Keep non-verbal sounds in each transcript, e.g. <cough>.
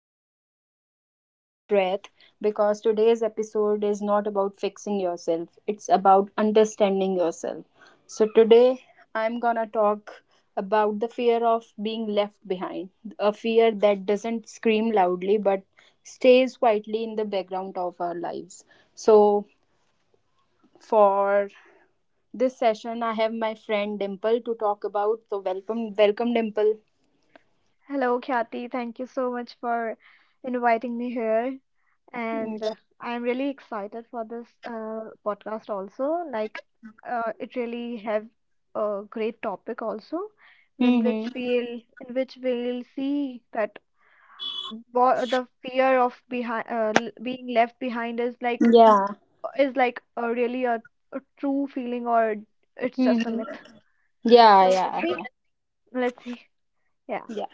for a second, take a deep breath, because today's episode is not about fixing yourself, it's about understanding yourself. So, today I'm gonna talk about the fear of being left behind, a fear that doesn't scream loudly but stays quietly in the background of our lives. So, for this session, I have my friend Dimple to talk about. So welcome, welcome, Dimple. Hello, Khyati. Thank you so much for inviting me here. And I'm really excited for this podcast also. Like, it really have a great topic also, in which Mm-hmm. we'll see that what the fear of behind being left behind is like Yeah. is like a really, a true feeling, or it's just a myth. Mm-hmm. Yeah, So let's yeah, see. Let's see. Yeah. yeah.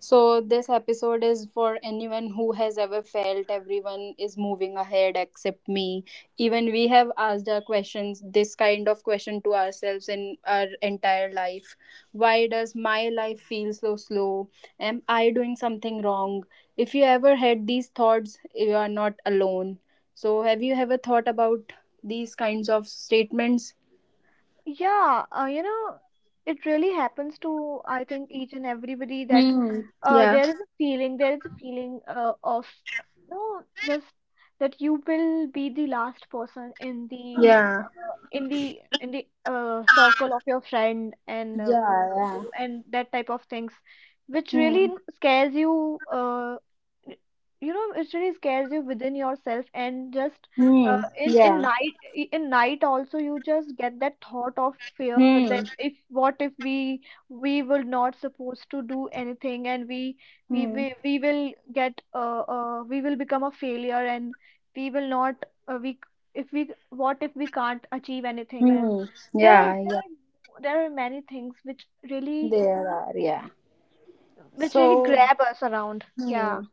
So, this episode is for anyone who has ever felt everyone is moving ahead except me. Even we have asked our questions, this kind of question to ourselves in our entire life. Why does my life feel so slow? Am I doing something wrong? If you ever had these thoughts, you are not alone. So, have you ever thought about these kinds of statements? Yeah, it really happens to, I think, each and everybody that Hmm. Yeah. there is a feeling, of, no, just that you will be the last person in the Yeah. Circle of your friend Yeah. Yeah. and that type of things, which really Hmm. scares you. Y- it really scares you within yourself, and just uh, Hmm. in Yeah. Night also you just get that thought of fear Hmm. that if what if we will not supposed to do anything, and Hmm. We will get we will become a failure, and we will not we c- if we what if we can't achieve anything, and Hmm. there are Yeah, there yeah, are there are many things which really there are, yeah. which really So, grab us around. Yeah. hmm.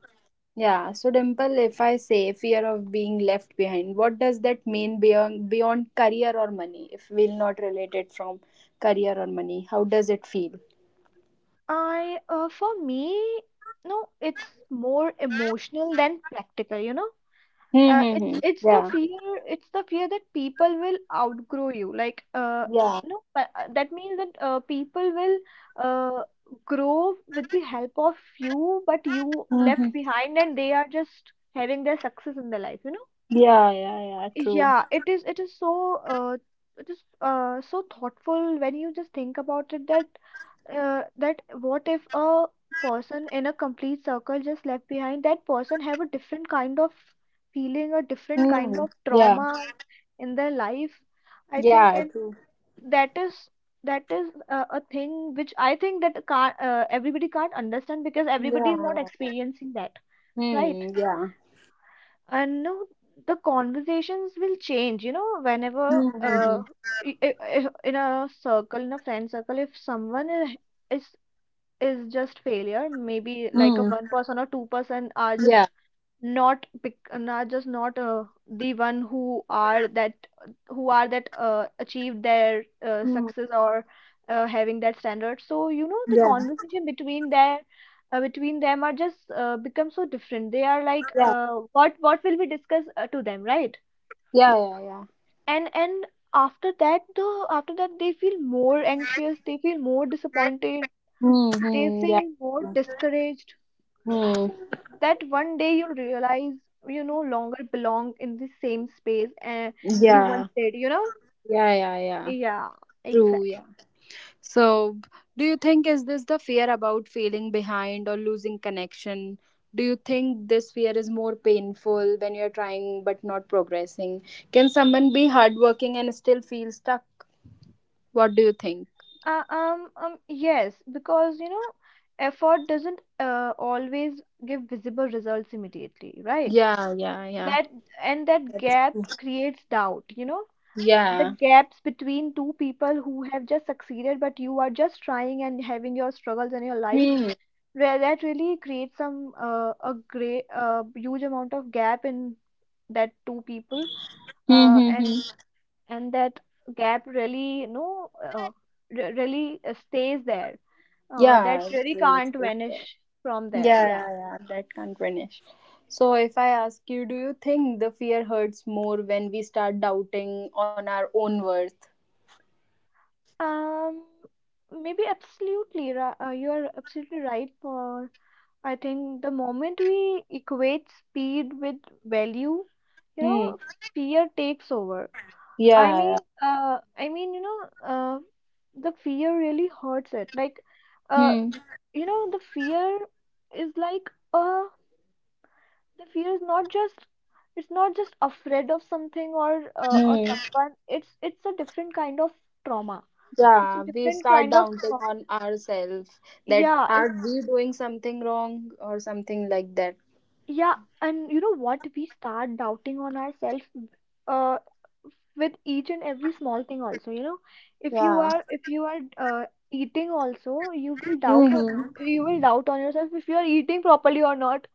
Yeah, so Dimple, if I say fear of being left behind, what does that mean beyond career or money? If we'll not relate it from career or money, how does it feel? For me, no, it's more emotional than practical, you know. Hmm, Uh, hmm, it's hmm. it's the Yeah. fear, it's the fear that people will outgrow you. Like, Yeah. no, but that means that people will uh, grow with the help of you, but you left Mm-hmm. behind, and they are just having their success in their life, you know. Yeah, yeah, yeah, true. Yeah, it is. It is so. It is so thoughtful when you just think about it that what if a person in a complete circle just left behind, that person have a different kind of feeling, a different kind Hmm. of Yeah. trauma in their life, I think. Yeah, And true. that is that is a thing which I think that can't, everybody can't understand, because everybody is not Yeah, yeah. experiencing that, right. Hmm. Yeah. And no, the conversations will change, whenever Hmm, hmm, hmm. In a friend circle, if is is just failure, maybe like a Hmm. one person or two-person are Yeah. just not pick are just not the one who are that achieved their Hmm. success or having that standard. So the Yeah. conversation between their between them are just become so different. They are like, Yeah. What will we discuss to them, right? Yeah. Yeah. Yeah. And after that, though, after that they feel more anxious, they feel more disappointed, Hmm, they hmm, yeah. feel more discouraged. Hmm. So that one day you'll realize you no longer belong in the same space and you Yeah. once did, you know? Yeah. Yeah. Yeah. Yeah, True. exactly. Yeah. So, do you think is this the fear about feeling behind or losing connection? Do you think this fear is more painful when you're trying but not progressing? Can someone be hardworking and still feel stuck? What do you think? Yes, because you know, effort doesn't always give visible results immediately, right? Yeah. Yeah. Yeah. That that gap creates doubt, you know? The Yeah. gaps between two people who have just succeeded, but you are just trying and having your struggles in your life, Hmm. where that really creates some a great, huge amount of gap in that two people. Hmm, uh, hmm, and hmm. and that gap really, stays there, that Yeah. really can't vanish Yeah, from there. yeah, Yeah. yeah, that can't vanish. So, if I ask you, do you think the fear hurts more when we start doubting on our own worth? um Maybe you are absolutely right. For, I think, the moment we equate speed with value, you Hmm. know fear takes over. I Yeah. mean, uh, I mean, the fear really hurts it. Like, uh, Yeah. Hmm. The fear is like, the fear is not just afraid of something or Hmm. someone. It's a different kind of trauma. It's a Yeah, we different start kind of doubting trauma. on ourselves that Yeah, are we doing something wrong or something like that. yeah, and you know what? We start doubting on ourselves. uh. With each and every small thing also, Yeah. If you are uh, eating also, Mm-hmm. you will doubt on yourself if you are eating properly or not.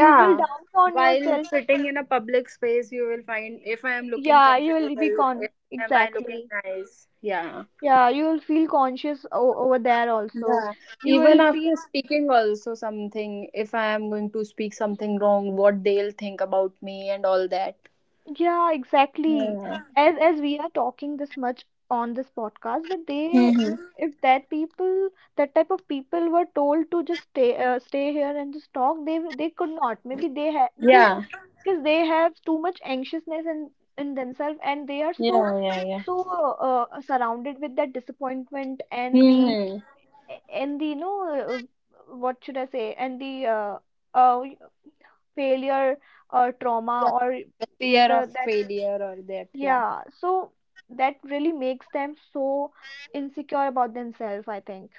You will doubt on While yourself. sitting in a public space, you will find if I am looking Yeah, you will be comfortable, con if am I looking exactly. nice? Yeah. Yeah, you will feel conscious over there also. Yeah, You even will feel. after speaking, also something, if I am going to speak something wrong, what they'll think about me and all that. Yeah, exactly. Yeah. As we are talking this much on this podcast, but Mm-hmm. if that people, that type of people were told to just stay, stay here and just talk, they could not. Maybe they have because Yeah, because they have too much anxiousness in themselves, and they are yeah, yeah, yeah. so surrounded with that disappointment, Mm-hmm. and the, you know, what should I say and the uh failure or trauma Yeah, or fear of the that failure or that. Yeah. yeah. So that really makes them so insecure about themselves, I think,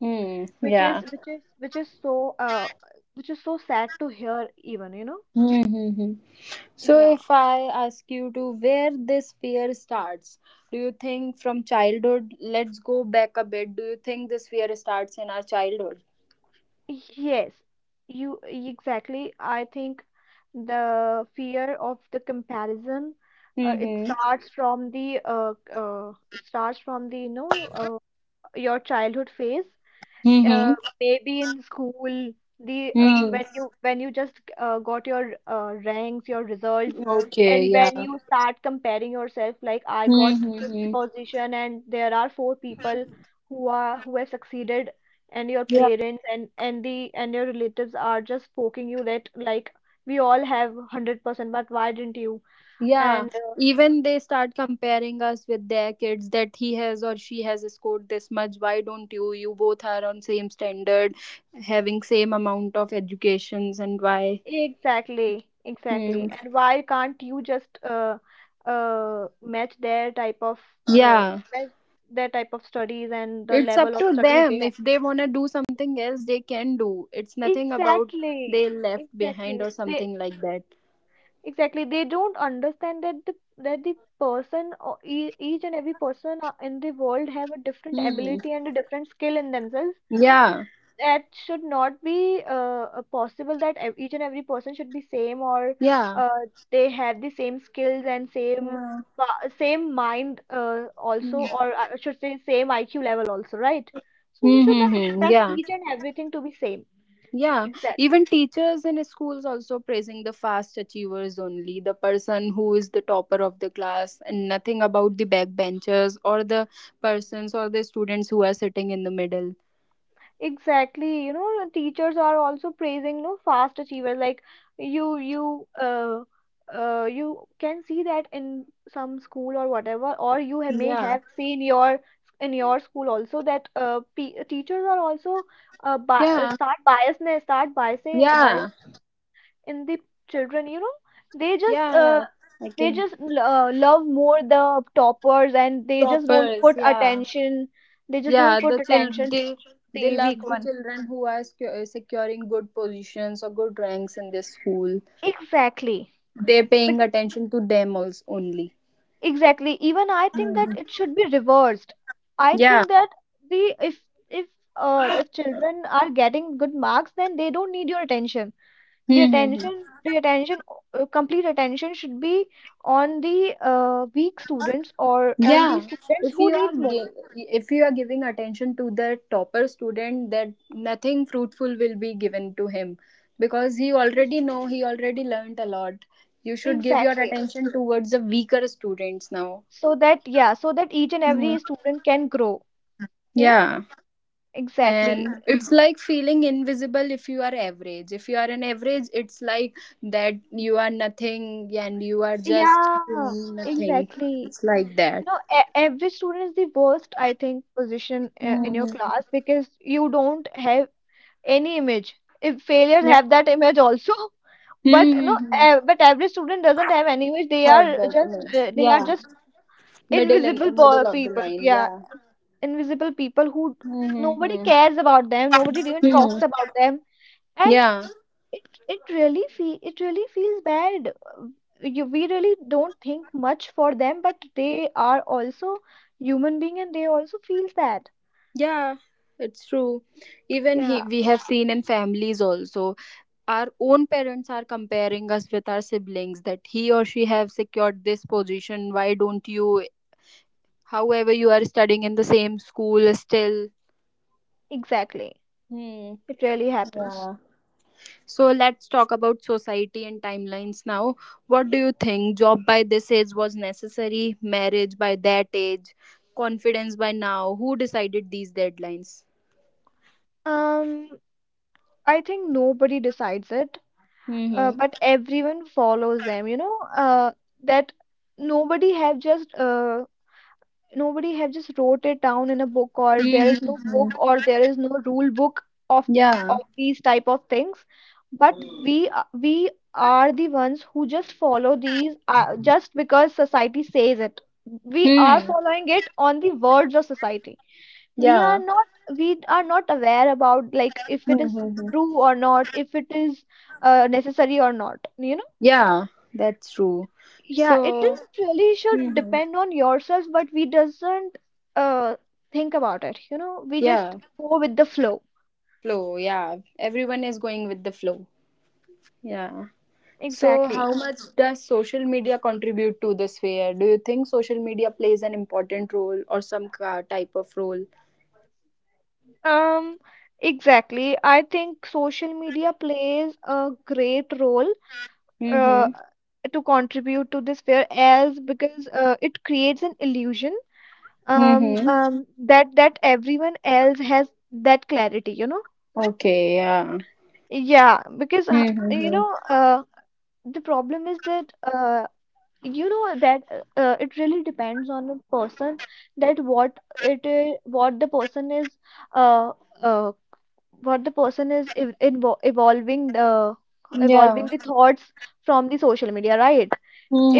Hmm. which is Yeah. So which is so sad to hear, even, you know? Mm-hmm. So, Yeah. if I ask you to where this fear starts, do you think from childhood? Let's go back a bit. Do you think this fear starts in our childhood? Yes. You Exactly. I think the fear of the comparison, Mm-hmm. It starts from the, your childhood phase, uh, Mm-hmm. maybe in school. The Mm. when you just got your ranks, your results, Okay. and Yeah. when you start comparing yourself like, I got fifth Mm-hmm. position and there are four people who have succeeded. And your Yeah. parents and the and your relatives are just poking you that, like, we all have 100% but why didn't you? Yeah. And Even they start comparing us with their kids that he has or she has scored this much. Why don't you? You both are on same standard, having same amount of educations and why? exactly, exactly. Hmm. And why can't you just uh, match their type of uh, Yeah. match their type of studies and the It's up level of to studies they them. have? If they wanna do something else, they can do. It's nothing about Exactly, they left behind exactly. or They something like that. Exactly, they don't understand that the person or each and every person in the world have a different Hmm. ability and a different skill in themselves. Yeah. That should not be possible that each and every person should be same, or Yeah. uh, they have the same skills and same Yeah. Same mind also, Hmm. or I should say same IQ level also, right? So you should not Mm-hmm. expect Yeah. each and everything to be same. Yeah, Exactly. even teachers in schools also praising the fast achievers only, the person who is the topper of the class, and nothing about the backbenchers or the persons or the students who are sitting in the middle. Exactly, teachers are also praising no fast achievers. Like, you, you, uh, you can see that in some school or whatever, or you ha may Yeah, have seen your in your school also that p teachers are also bi yeah, start biasness, start biasing bias yeah, in the children. You know, they just yeah. I can love more the toppers, and they just don't Toppers. put Yeah, attention. They just yeah. don't The put chil attention to they they the weak love the one. children who are securing good positions or good ranks in this school. Exactly. They're paying Bec- attention to them also only. Exactly. Even I think that Mhm. it should be reversed. I Yeah. think that the if if children are getting good marks, then they don't need your attention. The Hmm, hmm, hmm. attention, the attention, uh, complete attention should be on the weak students, or on the Yeah, students who needs more. If you are giving attention to the topper student that nothing fruitful will be given to him because Yes. He already learned a lot. You should give your Exactly. attention towards the weaker students now. So that, yeah, so that each and Hmm. every student can grow. Yeah, Yeah, and exactly. it's like feeling invisible. If you are an average, it's like that you are nothing and you are just Yeah, doing nothing. exactly. It's like that. You know, every student is the worst, I think, position in your class, Hmm. because you don't have any image. If failures Yeah. have that image also, <laughs> but no, Hmm. But every student doesn't have any image. They Have are that just image. Yeah, invisible middle of the people. line. Yeah, Yeah. invisible people. Nobody Mm-hmm. cares about them. Nobody even talks Hmm. about them. Yeah. It really feels bad. We really don't think much for them, but they are also human being, and they also feels that. Yeah. It's true. Even Yeah, we have seen in families also. Our own parents are comparing us with our siblings that he or she have secured this position. Why don't you? However, you are studying in the same school still. exactly. Hmm. It really happens. Yeah. So let's talk about society and timelines now. What do you think? Job by this age was necessary, marriage by that age, confidence by now. Who decided these deadlines? um I think nobody decides it, Mm-hmm. but everyone follows them, you know. uh, that nobody have just wrote it down in a book, or there is no Mm-hmm. book or there is no rule book of Yeah. of these type of things, but we are the ones who just follow these, just because society says it. We are Hmm. following it on the words of society. we are Yeah. not we are not aware about, like, if it is Mm-hmm. true or not, if it is necessary or not, you know. Yeah, that's true. Yeah, it So, is really should hmm depend on yourself, but we doesn't uh think about it, we just yeah, go with the flow. flow. Yeah, everyone is going with the flow. Yeah. So, how Exactly. much does social media contribute to this fear? Do you think social media plays an important role or some type of role? Um, exactly. I think social media plays a great role, uh, Mm-hmm. to contribute to this fear, as because it creates an illusion, um, Mm-hmm. um, that that everyone else has that clarity, you know? Okay, yeah. Yeah, because you Mm-hmm. know uh, the problem is that it really depends on the person, that uh, uh what the person is ev- invo Yeah. evolving the thoughts from the social media, right?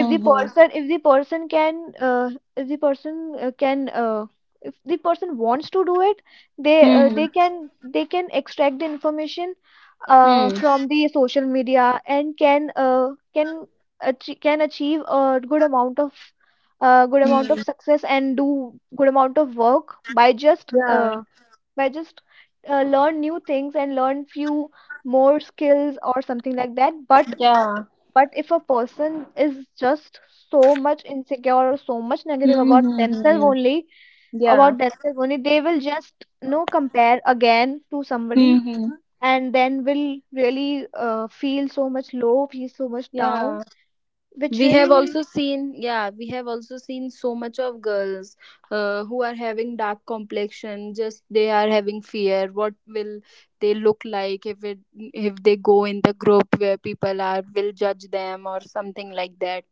if the person if the person can uh, if the person uh, can uh, if the person wants to do it, Mm-hmm. They can extract the information from the social media, and can achieve a good amount of — good amount Mm-hmm. of success, and do good amount of work by just Yeah. By just learn new things and learn few more skills or something like that. but Yeah. but if a person is just so much insecure, or so much negative about themselves Mm-hmm. only, Yeah. They will just no compare again to somebody, Mm-hmm. and then will really feel so much low, feel so much down, Yeah. which really — We have also seen so much of girls, who are having dark complexion just they are having fear what will they look like if they go in the group where people are will judge them or something like that.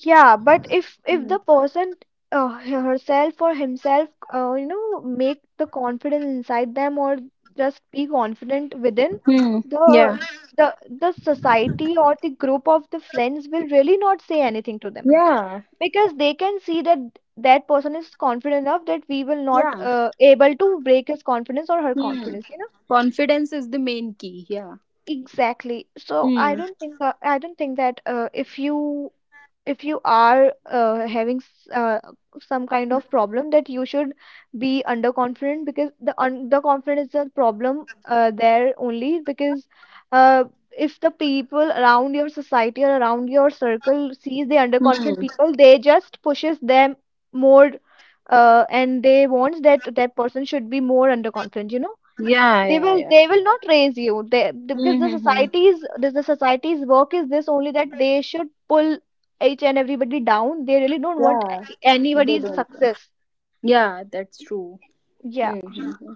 Yeah, but if Hmm. the person herself or himself, make the confidence inside them, or just be confident within Hmm. Yeah, the the society or the group of the friends will really not say anything to them, yeah, because they can see that that person is confident enough, that we will not yeah. Able to break his confidence or her Hmm. confidence, you know? Confidence is the main key, yeah. Exactly. So Hmm. I don't think that if you are having some kind of problem, that you should be underconfident, because the underconfident is a problem there only, because uh, if the people around your society or around your circle sees the underconfident Hmm. people, they just pushes them more. And they wants that that person should be more underconfident, you know? Yeah, yeah, yeah. They will not raise you. Because Hmm. Hmm, hmm. The society's work is this only, that they should pull each and everybody down. They really don't want Yeah, they anybody's don't. success. Yeah, that's true. Yeah. Mm-hmm.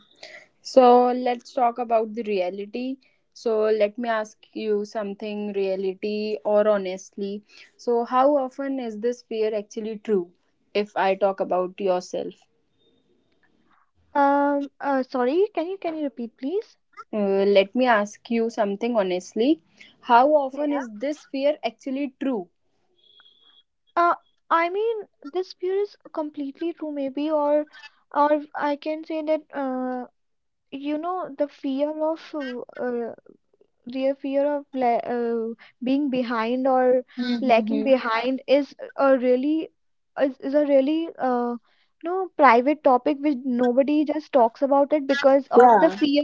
So let's talk about the reality. So let me ask you something reality or honestly. So, how often is this fear actually true? If I talk about yourself, Sorry, can you repeat, please? Let me ask you something honestly. How often is this fear actually true? uh I mean, this view is completely true, maybe, or I can say that the fear of their fear of being behind, or lacking Mm-hmm. behind, is a really — is a really no, private topic, which nobody just talks about it, because of the Yeah. fear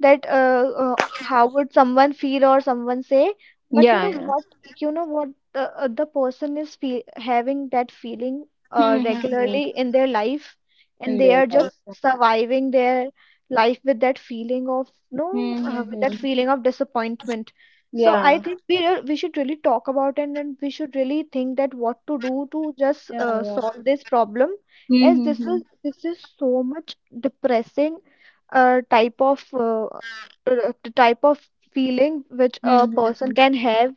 that how would someone feel, or someone say. But Yeah. Yeah. You know what, the person is having that feeling Mm-hmm. regularly in their life, and In they their are just life. surviving their life with that feeling of — no with Mm-hmm. that feeling of disappointment. So I Yeah. think we should really talk about it, and we should really think that what to do to just Yeah. Yeah. solve this problem, as Mm-hmm. This is so much depressing type of the type of feeling which a person Mm-hmm. can have,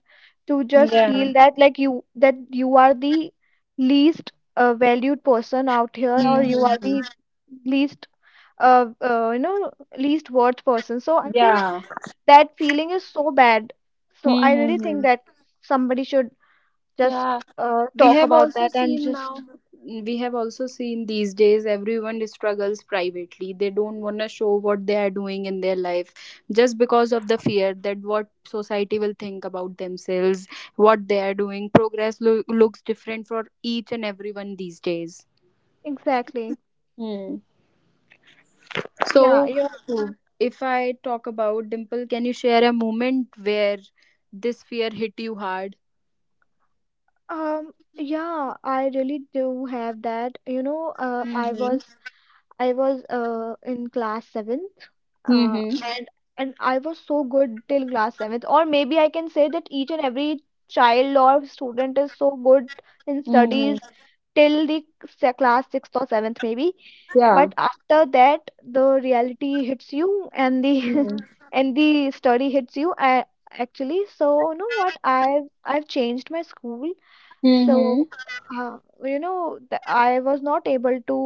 to just Yeah. feel that, like you that you are the least valued person out here, or you are Mm-hmm. the least uh, uh you know least worth person. So I think Yeah. that feeling is so bad. So I really think Mm-hmm. that somebody should just Yeah, we talk have about also that, and seen just... now, we have also seen these days everyone struggles privately. They don't want to show what they are doing in their life just because of the fear that what society will think about themselves, what they are doing. Progress looks different for each and everyone these days. Exactly. Hmm. Yeah. So, uh, if I talk about Dimple, can you share a moment where this fear hit you hard? Yeah, I really do have that. You know, Mm-hmm. I was in class seventh, uh, Mm-hmm. and and I was so good till class seventh, or maybe I can say that each and every child or student is so good in Mm-hmm. studies till the class sixth or seventh, maybe. But after that, the reality hits you, and the Mm-hmm. <laughs> and the study hits you. I — actually, so you know what? I've changed my school. So, uh, th I was not able to —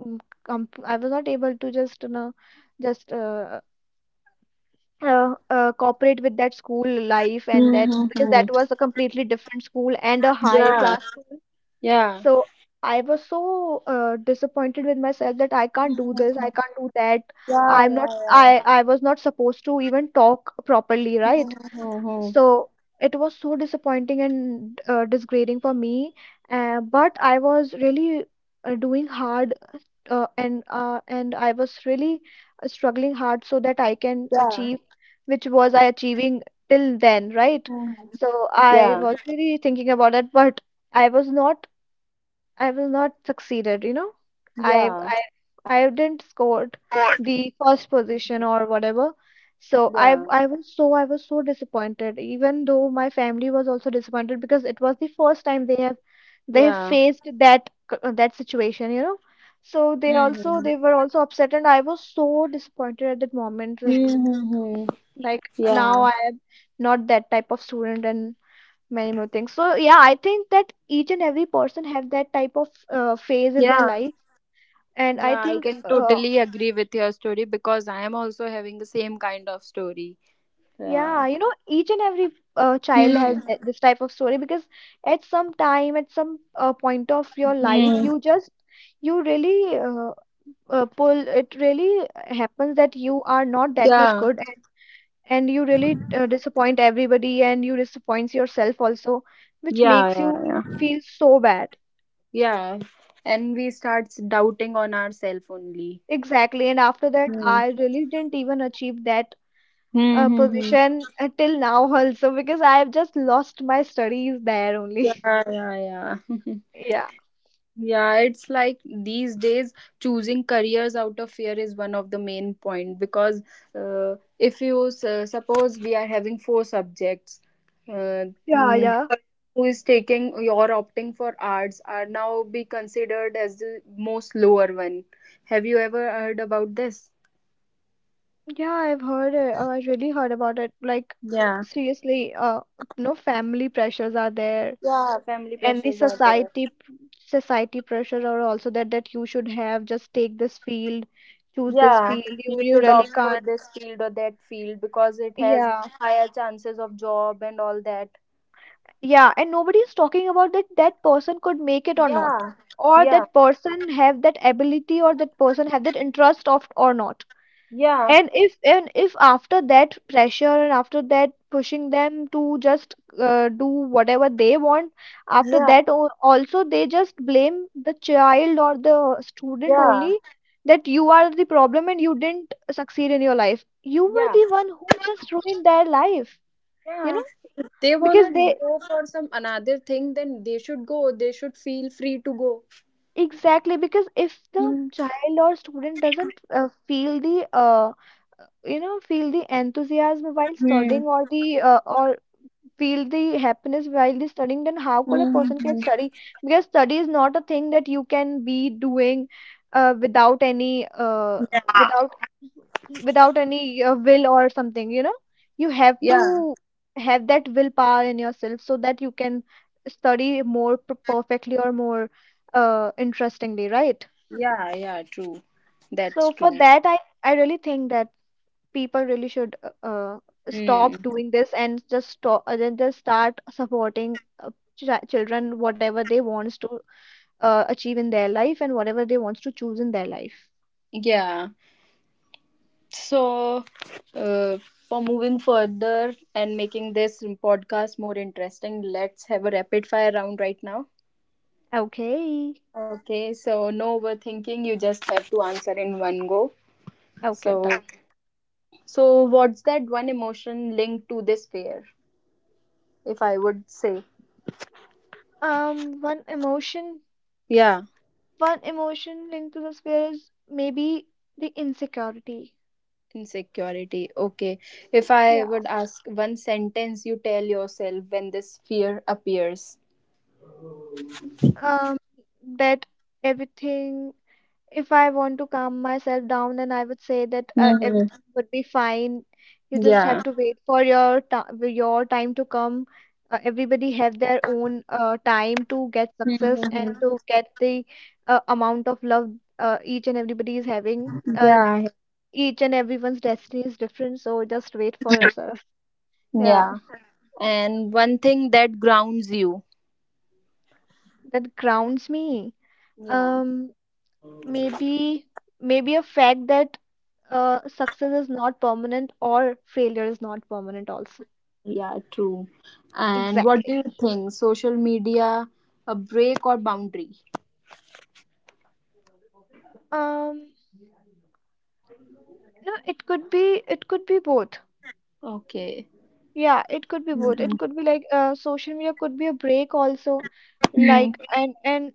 mm, comp I was not able to just, you know, just cooperate with that school life, and that, because that Mm-hmm. was a completely different school and a higher Yeah. class school. Yeah. So I was so disappointed with myself, that I can't do Mhm. this, I can't do that. Yeah. Yeah. Yeah. I was not supposed to even talk properly, right? Mm-hmm. So it was so disappointing and disgrading for me, but I was really doing hard, and I was really struggling hard, so that I can Yeah. achieve, which was I achieving till then, right? Mhm. So Yeah. I was really thinking about it, but I was not — I will not succeeded, you know. I Yeah. I I didn't scored the first position or whatever. So I Yeah. I was so I was so disappointed, even though my family was also disappointed, because it was the first time they have Yeah. faced that that situation, you know. So Mm-hmm. they were also upset, and I was so disappointed at that moment. Like, Mm-hmm. Now Yeah. I am not that type of student, and many more things. So yeah, I think that each and every person have that type of phase in their Yeah. life, and I Yeah. I think... can totally agree with your story because I am also having the same kind of story. Yeah. yeah, you know, each and every child has Hmm. This type of story, because at some time, at some point of your life, Hmm. you just — you really pull it really happens that you are not that much Yeah. good, and you really disappoint everybody, and you disappoint yourself also, which Yeah. makes Yeah. you Yeah. feel so bad. Yeah. And we starts doubting on ourselves only. Exactly. And after that, I really didn't even achieve that Mm-hmm. position till now also, because I've just lost my studies there only. <laughs> Yeah, yeah, yeah. <laughs> Yeah. Yeah, it's like these days choosing careers out of fear is one of the main point because if you suppose we are having four subjects, uh, Yeah, the yeah. person who is taking or opting for arts are now be considered as the most lower one. Have you ever heard about this? Yeah, I've heard it. Oh, I really heard about it. Like, Yeah, seriously, no, family pressures are there. yeah, family And the pressures are there. Society pressures are also that, that you should have just take this field, choose this Yeah, field. you You should really opt for can't. this field or that field because it has Yeah. higher chances of job and all that. Yeah, and nobody is talking about that, that person could make it or not, Yeah, or yeah, that person have that ability, or that person have that interest of, or not. yeah, And if after that pressure, and after that pushing them to just do whatever they want, after yeah, that also they just blame the child or the student yeah, only, that you are the problem, and you didn't succeed in your life. You were yeah, the one who just ruined their life, you yeah. know? They Because wanna they go for some another thing, then they should go. They should feel free to go. Exactly, because if the Hmm. child or student doesn't feel the feel the enthusiasm while studying, Hmm. Or feel the happiness while they studying, then how could a Hmm, person hmm, can hmm. study, because study is not a thing that you can be doing without any without without any will or something, you know? You have Yeah, to have that willpower in yourself, so that you can study more perfectly, or more interestingly, right? yeah, yeah, true. That's So for true. that, I really think that people really should Hmm. stop doing this, and just stop then just start supporting children, whatever they wants to achieve in their life, and whatever they wants to choose in their life. Yeah. So, uh, for moving further and making this podcast more interesting, let's have a rapid fire round right now. Okay. Okay, so no overthinking, you just have to answer in one go. Okay, So, done. so what's that one emotion linked to this fear? If I would say, um one emotion yeah, One emotion linked to this fear is maybe the insecurity. insecurity. Okay, if I Yeah. would ask one sentence you tell yourself when this fear appears. um that Everything — if I want to calm myself down, then I would say that Mm-hmm. everything would be fine. You just have Yeah. to wait for your time to come. Everybody have their own time to get success, Mm-hmm. and to get the amount of love each and everybody is having. Yeah. Each and everyone's destiny is different, so just wait for yourself. <laughs> Yeah, Yeah. And one thing that grounds you. that grounds me. Yeah. Um, maybe Maybe a fact that success is not permanent, or failure is not permanent also. Yeah, true. And what do Exactly. you think? Social media, a break or boundary? um no, it could be both. Okay. Yeah, it could be both. It Mhm. could be like social media could be a break also, Hmm. like,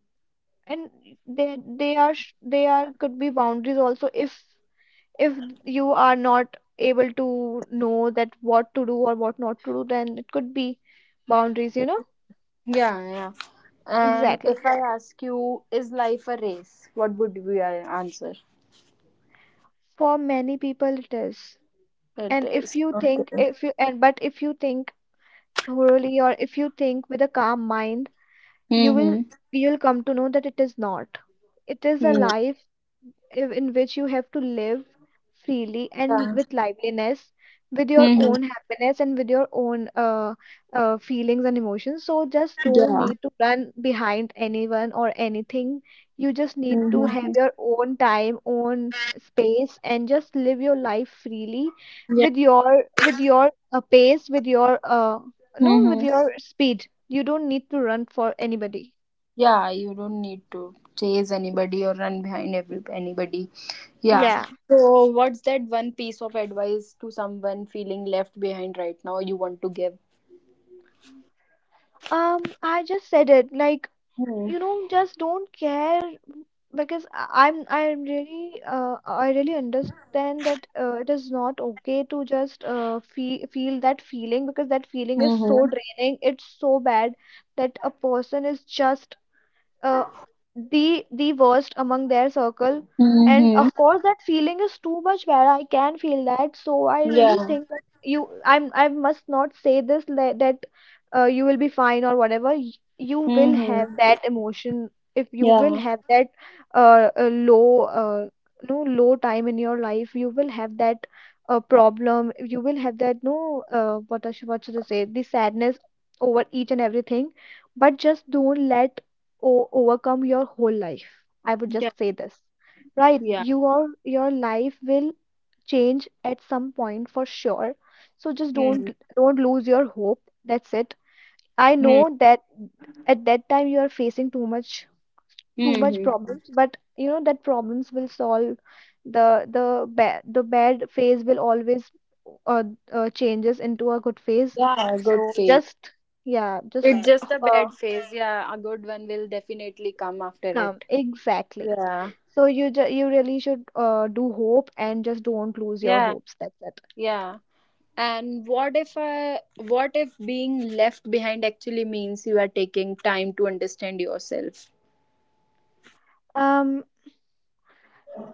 and they are could be boundaries also, if you are not able to know that what to do or what not to do, then it could be boundaries, you know? Yeah, yeah. And if Exactly, I ask you, is life a race? What would we answer? for many people it is. It And if is. you think, if you, and but if you think thoroughly, or if you think with a calm mind, you will, Mm-hmm. you'll come to know that it is not. It is a Mm. life in which you have to live freely, and Yeah. with liveliness, with your Mm-hmm. own happiness, and with your own feelings and emotions. So just don't Yeah. need to run behind anyone or anything. You just need to Mm-hmm. have your own time, own space, and just live your life freely Yeah. with your pace, with your no, with Mm-hmm. your speed. You don't need to run for anybody. Yeah, you don't need to chase anybody or run behind every anybody. Yeah. Yeah. So, what's that one piece of advice to someone feeling left behind right now you want to give? I just said it, like, Hmm. Just don't care, because I'm really I really understand that it is not okay to just feel that feeling, because that feeling is so Mm-hmm. draining, it's so bad, that a person is just uh, the worst among their circle. And Mm-hmm. of course, that feeling is too much bad, I can feel that. So I really Yeah. think that you I'm I must not say this, that you will be fine or whatever. You will Mm-hmm. have that emotion — if you will Yeah. have that low no low time in your life, you will have that problem, you will have that — no what I should, what should I say, the sadness over each and everything, but just don't let overcome your whole life. I would just Yeah. say this. Right, Yeah. Your life will change at some point, for sure. So just Mm-hmm. don't lose your hope. That's it. I know that at that time you are facing too much Mm-hmm. problems, but you know that problems will solve. The the bad the bad phase will always uh, changes into a good phase. Yeah. A good So phase. just — yeah, just It's just a uh, bad phase. Yeah. A good one will definitely come after come. it. Exactly. Yeah. So you really should do hope, and just don't lose your Yeah. hopes, that's it. Yeah. And what if being left behind actually means you are taking time to understand yourself? um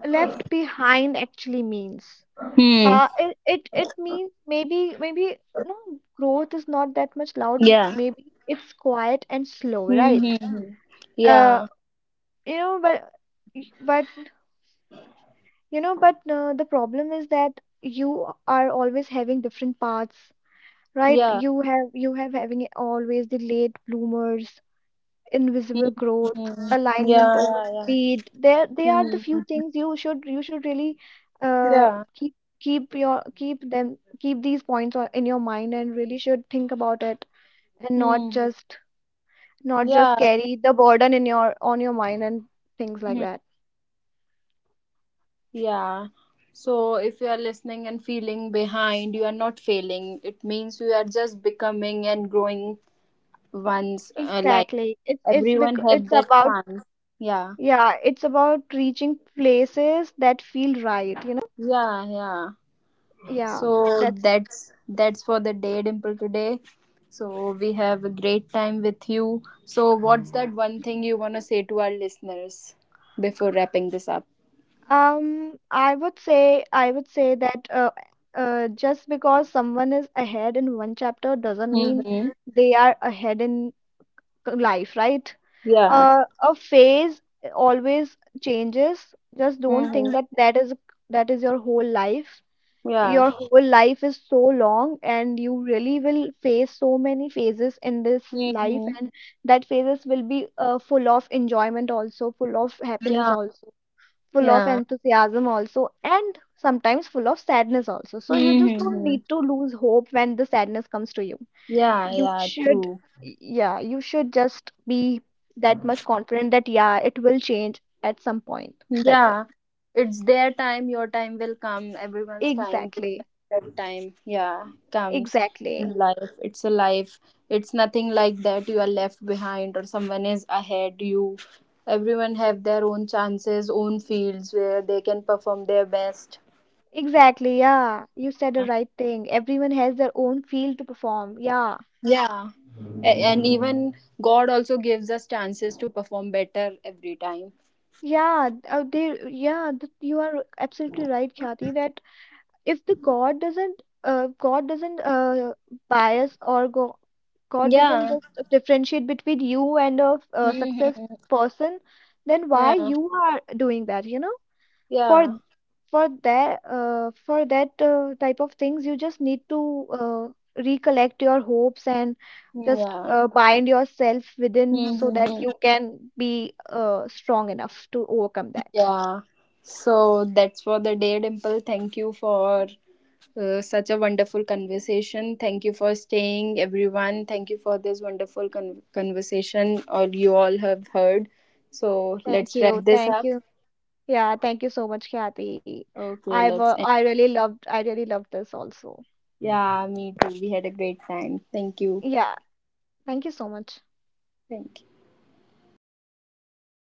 Left behind actually means — Hmm. It means maybe, no, growth is not that much loud, Yeah. maybe it's quiet and slow, right? Mm-hmm. uh Yeah. you know but you know But the problem is that you are always having different paths, right? Yeah. You have having always the late bloomers, invisible growth, Mm-hmm. Yeah. alignment over Yeah. speed. There, they Yeah. are the few Mm-hmm. things you should really uh, Yeah. Keep these points in your mind, and really should think about it, and not Mm-hmm. just, Yeah. carry the burden in your on your mind, and things like Mhm. that. Yeah. So if you are listening and feeling behind, you are not failing. It means you are just becoming and growing ones. Like Exactly. It's everyone because have it's that about — chance. Yeah. yeah, it's about reaching places that feel right, you know? Yeah. Yeah. Yeah, So that's it. that's for the day, Dimple, today. So we have a great time with you. So what's that one thing you wanna say to our listeners before wrapping this up? I would say that just because someone is ahead in one chapter doesn't mean Mm-hmm. they are ahead in life, right? Yeah. A phase always changes. Just don't Mm-hmm. think that that is your whole life. Yeah. Your whole life is so long, and you really will face so many phases in this life, Mm-hmm. and that phases will be full of enjoyment also, full of happiness Yeah. also, full of Yeah. enthusiasm also, and sometimes full of sadness also, so you just don't Mm-hmm. need to lose hope when the sadness comes to you. Yeah. You Yeah. should True. Yeah, you should just be that much confident that, yeah, it will change at some point, that's it. Yeah, it's their time, your time will come, everyone's time, good Exactly. time, bad time, yeah, comes in Exactly. life. It's a life. It's nothing like that you are left behind or someone is ahead you. Everyone have their own chances, own fields where they can perform their best. Exactly, yeah, you said the right thing. Everyone has their own field to perform, yeah. Yeah. And even God also gives us chances to perform better every time. Yeah, you are absolutely right, Khyati, that if the god doesn't bias or go — god doesn't Yeah. just differentiate between you and a success Hmm. person, then why Yeah. you are doing that, you know? for Yeah. for that, type of things, you just need to uh, recollect your hopes, and just Yeah. Bind yourself within, so that Hmm. you can be strong enough to overcome that. Yeah. So that's for the day, Dimple. Thank you for such a wonderful conversation. Thank you for staying, everyone. Thank you for this wonderful conversation, or you all have heard. So Thank let's you, wrap this thank up. you. Yeah, thank you so much, Kathy. Okay, let's end. I really loved this also. Yeah, me too. We had a great time. Thank you. Yeah, thank you so much. Thank you.